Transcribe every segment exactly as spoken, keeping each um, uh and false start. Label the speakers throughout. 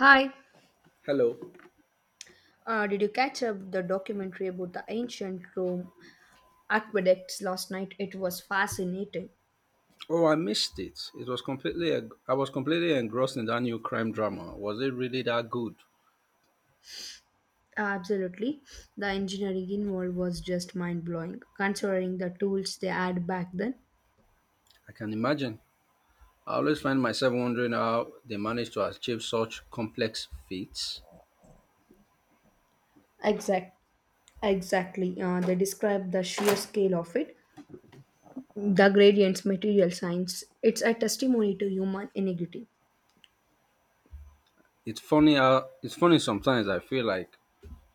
Speaker 1: Hi,
Speaker 2: Hello.
Speaker 1: uh, did you catch up the documentary about the ancient Rome aqueducts last night? It was fascinating.
Speaker 2: Oh, I missed it. It was completely I was completely engrossed in that new crime drama. Was it really that good?
Speaker 1: Absolutely. The engineering involved was just mind blowing, considering the tools they had back then.
Speaker 2: I can imagine. I always find myself wondering how they manage to achieve such complex feats.
Speaker 1: Exact, exactly. Uh, they describe the sheer scale of it, the gradients, material science. It's a testimony to human ingenuity.
Speaker 2: It's funny how it's funny sometimes I feel like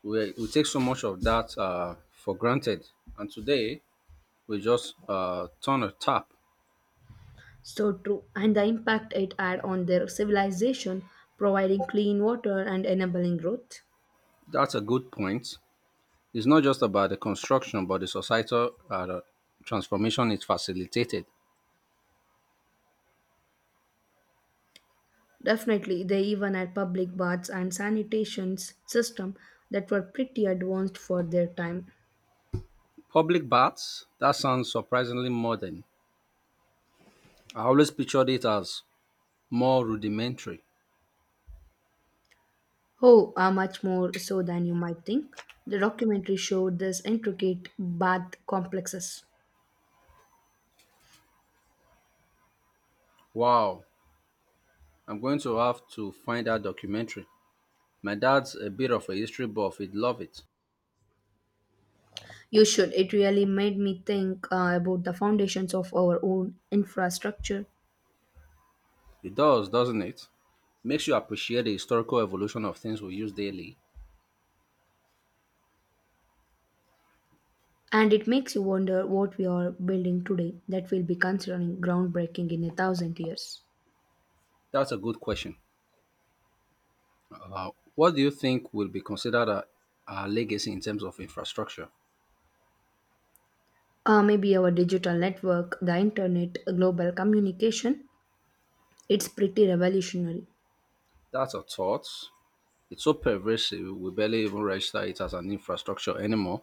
Speaker 2: we, we take so much of that uh, for granted, and today we just uh, turn a tap.
Speaker 1: So true, and the impact it had on their civilization, providing clean water and enabling growth.
Speaker 2: That's a good point. It's not just about the construction but the societal uh, transformation it facilitated.
Speaker 1: Definitely, they even had public baths and sanitation system that were pretty advanced for their time.
Speaker 2: Public baths? That sounds surprisingly modern. I always pictured it as more rudimentary.
Speaker 1: Oh, are much more so than you might think. The documentary showed this intricate bath complexes.
Speaker 2: Wow, I'm going to have to find that documentary. My dad's a bit of a history buff, he'd love it.
Speaker 1: You should. It really made me think uh, about the foundations of our own infrastructure,
Speaker 2: It does, doesn't it? Makes you appreciate the historical evolution of things we use daily.
Speaker 1: and it makes you wonder what we are building today that will be considering groundbreaking in a thousand years.
Speaker 2: That's a good question. Uh, what do you think will be considered a, a legacy in terms of infrastructure?
Speaker 1: Uh, maybe our digital network, the internet, global communication, it's pretty revolutionary.
Speaker 2: That's a thought. It's so pervasive, we barely even register it as an infrastructure anymore.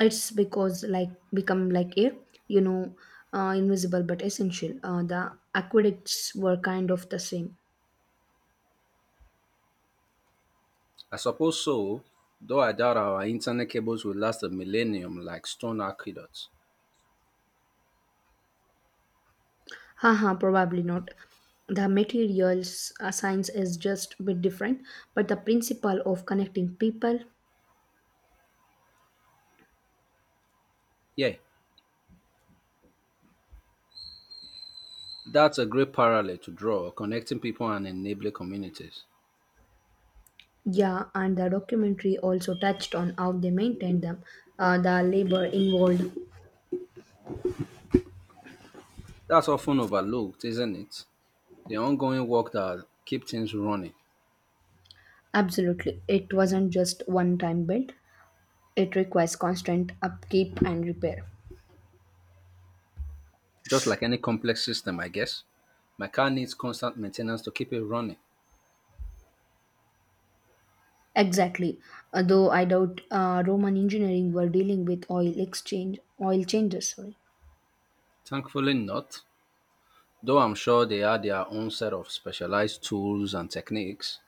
Speaker 1: It's because like become like a, you know uh, invisible but essential. Uh, the aqueducts were kind of the same.
Speaker 2: I suppose so, though I doubt our internet cables will last a millennium like stone aqueducts.
Speaker 1: Haha, probably not. The materials uh, science is just a bit different, but the principle of connecting people.
Speaker 2: Yeah, that's a great parallel to draw, connecting people and enabling communities.
Speaker 1: Yeah, and the documentary also touched on how they maintained them, uh, the labor involved.
Speaker 2: That's often overlooked, isn't it? The ongoing work that keep things running.
Speaker 1: Absolutely, it wasn't just one time built, it requires constant upkeep and repair.
Speaker 2: Just like any complex system, I guess. My car needs constant maintenance to keep it running.
Speaker 1: Exactly. Although I doubt uh, Roman engineering were dealing with oil exchange oil changes. Sorry,
Speaker 2: Thankfully not, though I'm sure they had their own set of specialized tools and techniques.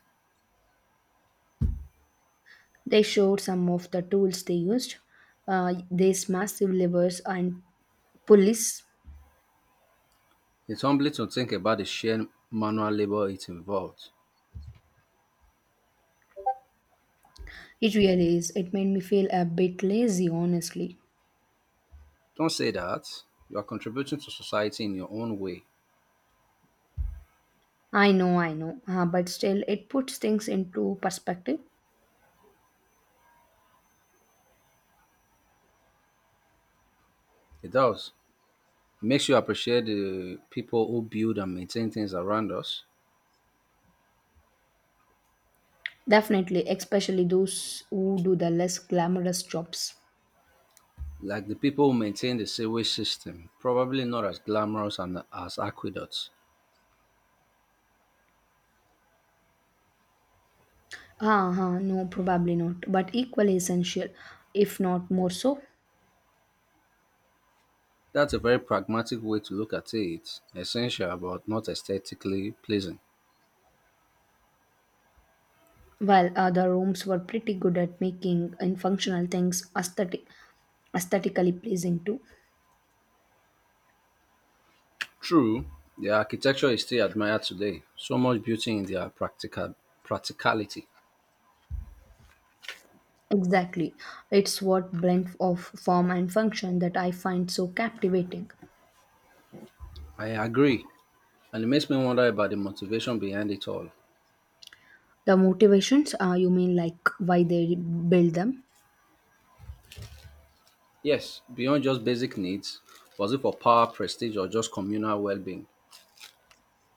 Speaker 1: they showed some of the tools they used. Uh, these massive levers and pulleys.
Speaker 2: It's humbling to think about the sheer manual labor it involved.
Speaker 1: It really is. It made me feel a bit lazy, honestly.
Speaker 2: Don't say that. You are contributing to society in your own way.
Speaker 1: I know, I know, uh, but still, it puts things into perspective.
Speaker 2: It does. It makes you appreciate the people who build and maintain things around us,
Speaker 1: Definitely, especially those who do the less glamorous jobs.
Speaker 2: like the people who maintain the sewage system, probably not as glamorous and as aqueducts.
Speaker 1: Ah, ah, no, probably not, but equally essential, if not more so.
Speaker 2: That's a very pragmatic way to look at it, essential but not aesthetically pleasing.
Speaker 1: Well, uh, the rooms were pretty good at making in functional things aesthetic, aesthetically pleasing too.
Speaker 2: True, their architecture is still admired today, so much beauty in their practical practicality.
Speaker 1: Exactly. It's what blend of form and function that I find so captivating.
Speaker 2: I agree, and it makes me wonder about the motivation behind it all.
Speaker 1: The motivations, uh, you mean like why they build them?
Speaker 2: Yes, beyond just basic needs, was it for power, prestige, or just communal well being?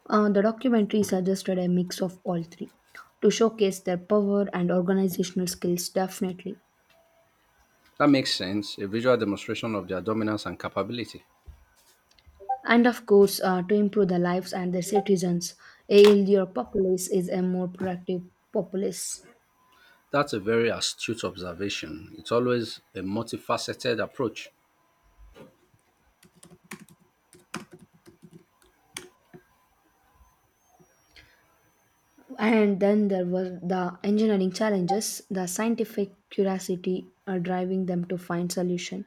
Speaker 1: Uh, the documentary suggested a mix of all three to showcase their power and organizational skills, definitely.
Speaker 2: That makes sense, a visual demonstration of their dominance and capability.
Speaker 1: And of course, uh, to improve the lives and their citizens. A healthier populace is a more productive populace.
Speaker 2: That's a very astute observation. It's always a multifaceted approach.
Speaker 1: And then there were the engineering challenges, the scientific curiosity uh, driving them to find solution.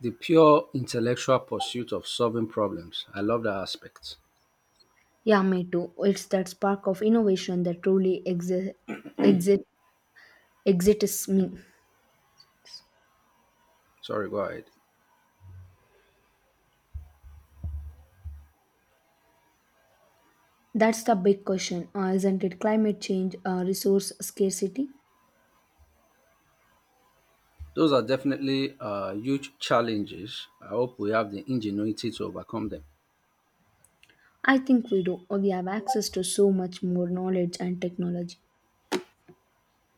Speaker 2: The pure intellectual pursuit of solving problems. I love that aspect.
Speaker 1: Yeah, me too. It's that spark of innovation that truly exi- exit exits me.
Speaker 2: Sorry, go ahead.
Speaker 1: That's the big question, uh, isn't it? Climate change, uh, resource scarcity.
Speaker 2: Those are definitely uh, huge challenges. I hope we have the ingenuity to overcome them.
Speaker 1: I think we do. We have access to so much more knowledge and technology.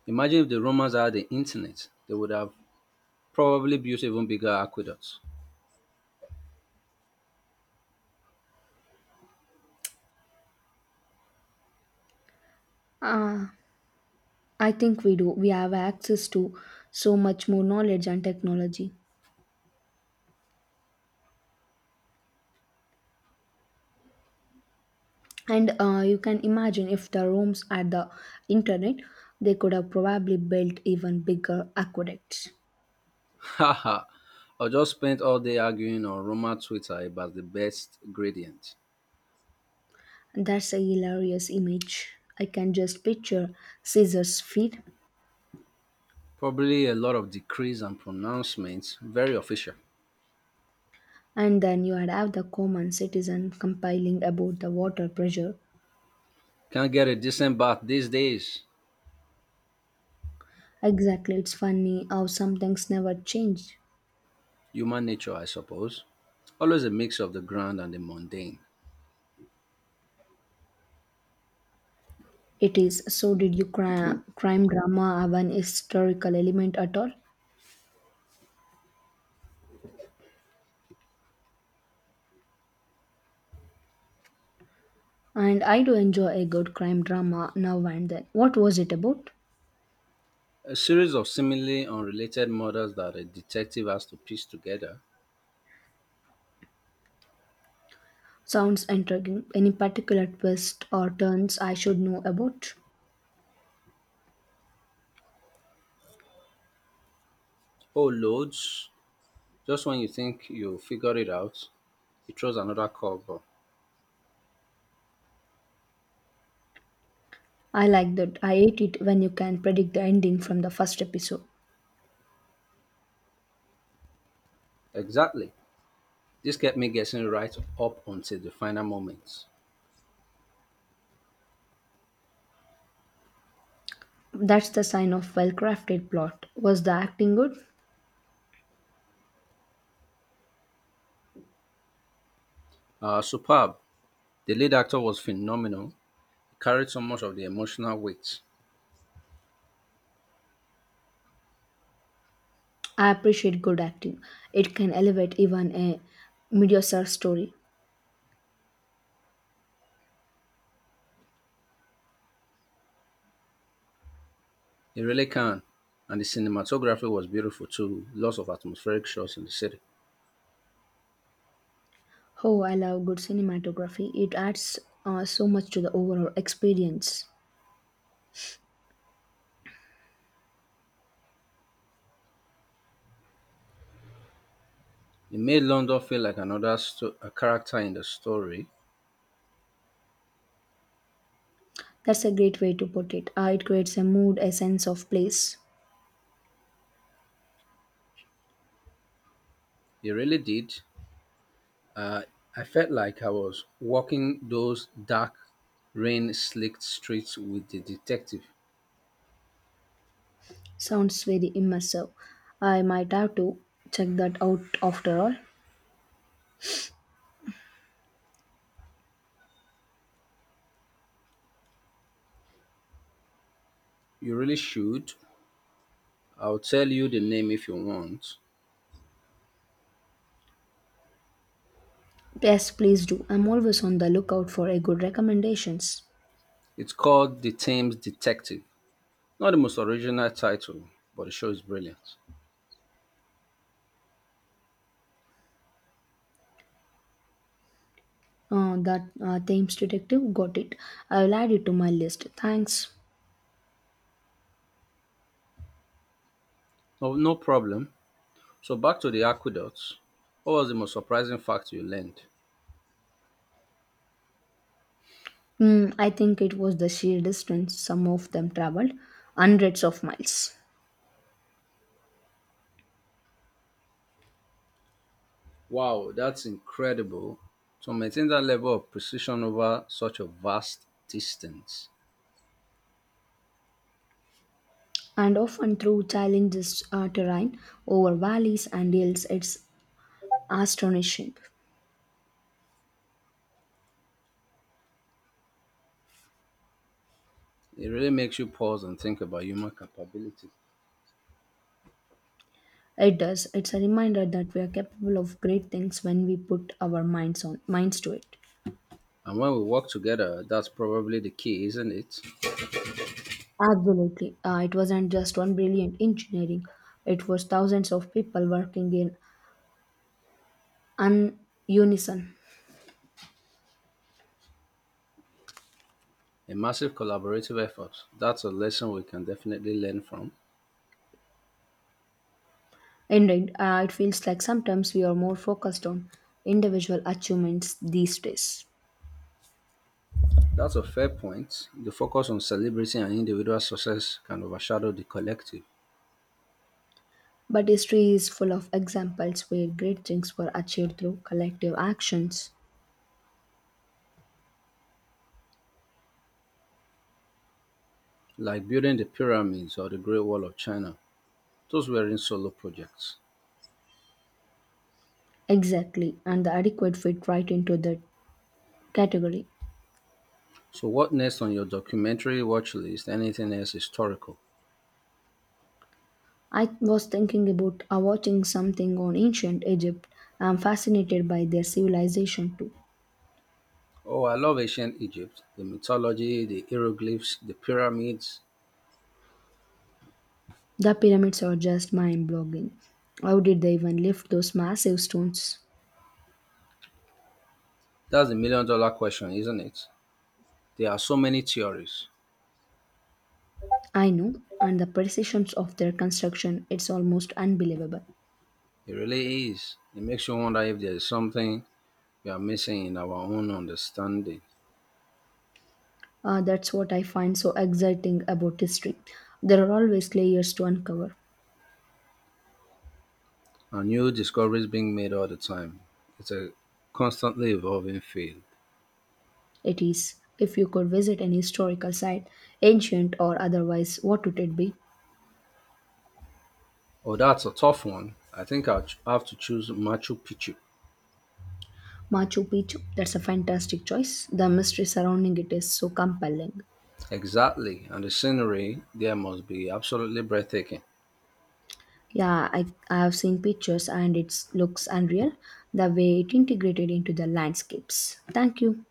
Speaker 2: Imagine if the Romans had the internet, they would have probably built even bigger aqueducts.
Speaker 1: Uh, I think we do. We have access to so much more knowledge and technology. And uh, you can imagine if the rooms had the internet, they could have probably built even bigger aqueducts.
Speaker 2: Haha, I just spent all day arguing on Roma Twitter about the best gradient.
Speaker 1: That's a hilarious image. I can just picture Caesar's feet.
Speaker 2: Probably a lot of decrees and pronouncements, very official.
Speaker 1: And then you would have the common citizen compiling about the water pressure.
Speaker 2: Can't get a decent bath these days.
Speaker 1: Exactly, it's funny how some things never change.
Speaker 2: Human nature, I suppose. Always a mix of the grand and the mundane.
Speaker 1: It is. So did you cri- crime drama have an historical element at all? And I do enjoy a good crime drama now and then. What was it about?
Speaker 2: A series of seemingly unrelated murders that a detective has to piece together.
Speaker 1: Sounds intriguing. Any particular twists or turns I should know about?
Speaker 2: Oh, loads. Just when you think you figured it out, he throws another curveball.
Speaker 1: I like that. I hate it when you can predict the ending from the first episode.
Speaker 2: Exactly. This kept me guessing right up until the final moment.
Speaker 1: That's the sign of well-crafted plot. Was the acting good?
Speaker 2: Uh, superb. The lead actor was phenomenal. He carried so much of the emotional weight.
Speaker 1: I appreciate good acting. It can elevate even a mediocre story.
Speaker 2: He really can. And the cinematography was beautiful too. Lots of atmospheric shots in the city.
Speaker 1: Oh, I love good cinematography. It adds uh, so much to the overall experience.
Speaker 2: It made London feel like another sto- a character in the story.
Speaker 1: That's a great way to put it. Uh, it creates a mood, a sense of place.
Speaker 2: It really did. Uh, I felt like I was walking those dark, rain-slicked streets with the detective.
Speaker 1: Sounds very immersive. I might have to check that out after all.
Speaker 2: You really should. I'll tell you the name if you want.
Speaker 1: Yes, please do. I'm always on the lookout for a good recommendations.
Speaker 2: It's called The Thames Detective. Not the most original title, but the show is brilliant.
Speaker 1: Uh, that uh, Thames Detective got it. I'll add it to my list. Thanks.
Speaker 2: No, no problem. So back to the aqueducts. What was the most surprising fact you learned?
Speaker 1: Mm, I think it was the sheer distance some of them traveled, hundreds of miles.
Speaker 2: Wow, that's incredible. To maintain that level of precision over such a vast distance,
Speaker 1: And often through challenges uh, terrain, over valleys and hills, it's astonishing.
Speaker 2: it really makes you pause and think about human capability.
Speaker 1: It does. It's a reminder that we are capable of great things when we put our minds on minds to it.
Speaker 2: And when we work together, that's probably the key, isn't it?
Speaker 1: Absolutely. Uh, it wasn't just one brilliant engineering. It was thousands of people working in un- unison.
Speaker 2: A massive collaborative effort. That's a lesson we can definitely learn from.
Speaker 1: Indeed, uh, it feels like sometimes we are more focused on individual achievements these days.
Speaker 2: That's a fair point. The focus on celebrating an individual success can overshadow the collective,
Speaker 1: But history is full of examples where great things were achieved through collective actions.
Speaker 2: like building the pyramids or the Great Wall of China. Those weren't solo projects.
Speaker 1: Exactly, and the adequate fit right into that category.
Speaker 2: So, what next on your documentary watch list? Anything else historical?
Speaker 1: I was thinking about uh, watching something on ancient Egypt. I'm fascinated by their civilization too.
Speaker 2: Oh, I love ancient Egypt, the mythology, the hieroglyphs, the pyramids.
Speaker 1: The pyramids are just mind blogging. How did they even lift those massive stones?
Speaker 2: That's the million dollar question, isn't it? There are so many theories.
Speaker 1: I know, and the precisions of their construction, it's almost unbelievable.
Speaker 2: It really is. It makes you wonder if there is something we are missing in our own understanding.
Speaker 1: Uh, that's what I find so exciting about history. There are always layers to uncover.
Speaker 2: And new discoveries being made all the time. It's a constantly evolving field.
Speaker 1: It is. If you could visit an historical site, ancient or otherwise, what would it be?
Speaker 2: Oh, that's a tough one. I think I'll ch- have to choose Machu Picchu.
Speaker 1: Machu Picchu. That's a fantastic choice. The mystery surrounding it is so compelling.
Speaker 2: Exactly. And the scenery there must be absolutely breathtaking.
Speaker 1: Yeah, I, I have seen pictures and it looks unreal the way it integrated into the landscapes. Thank you.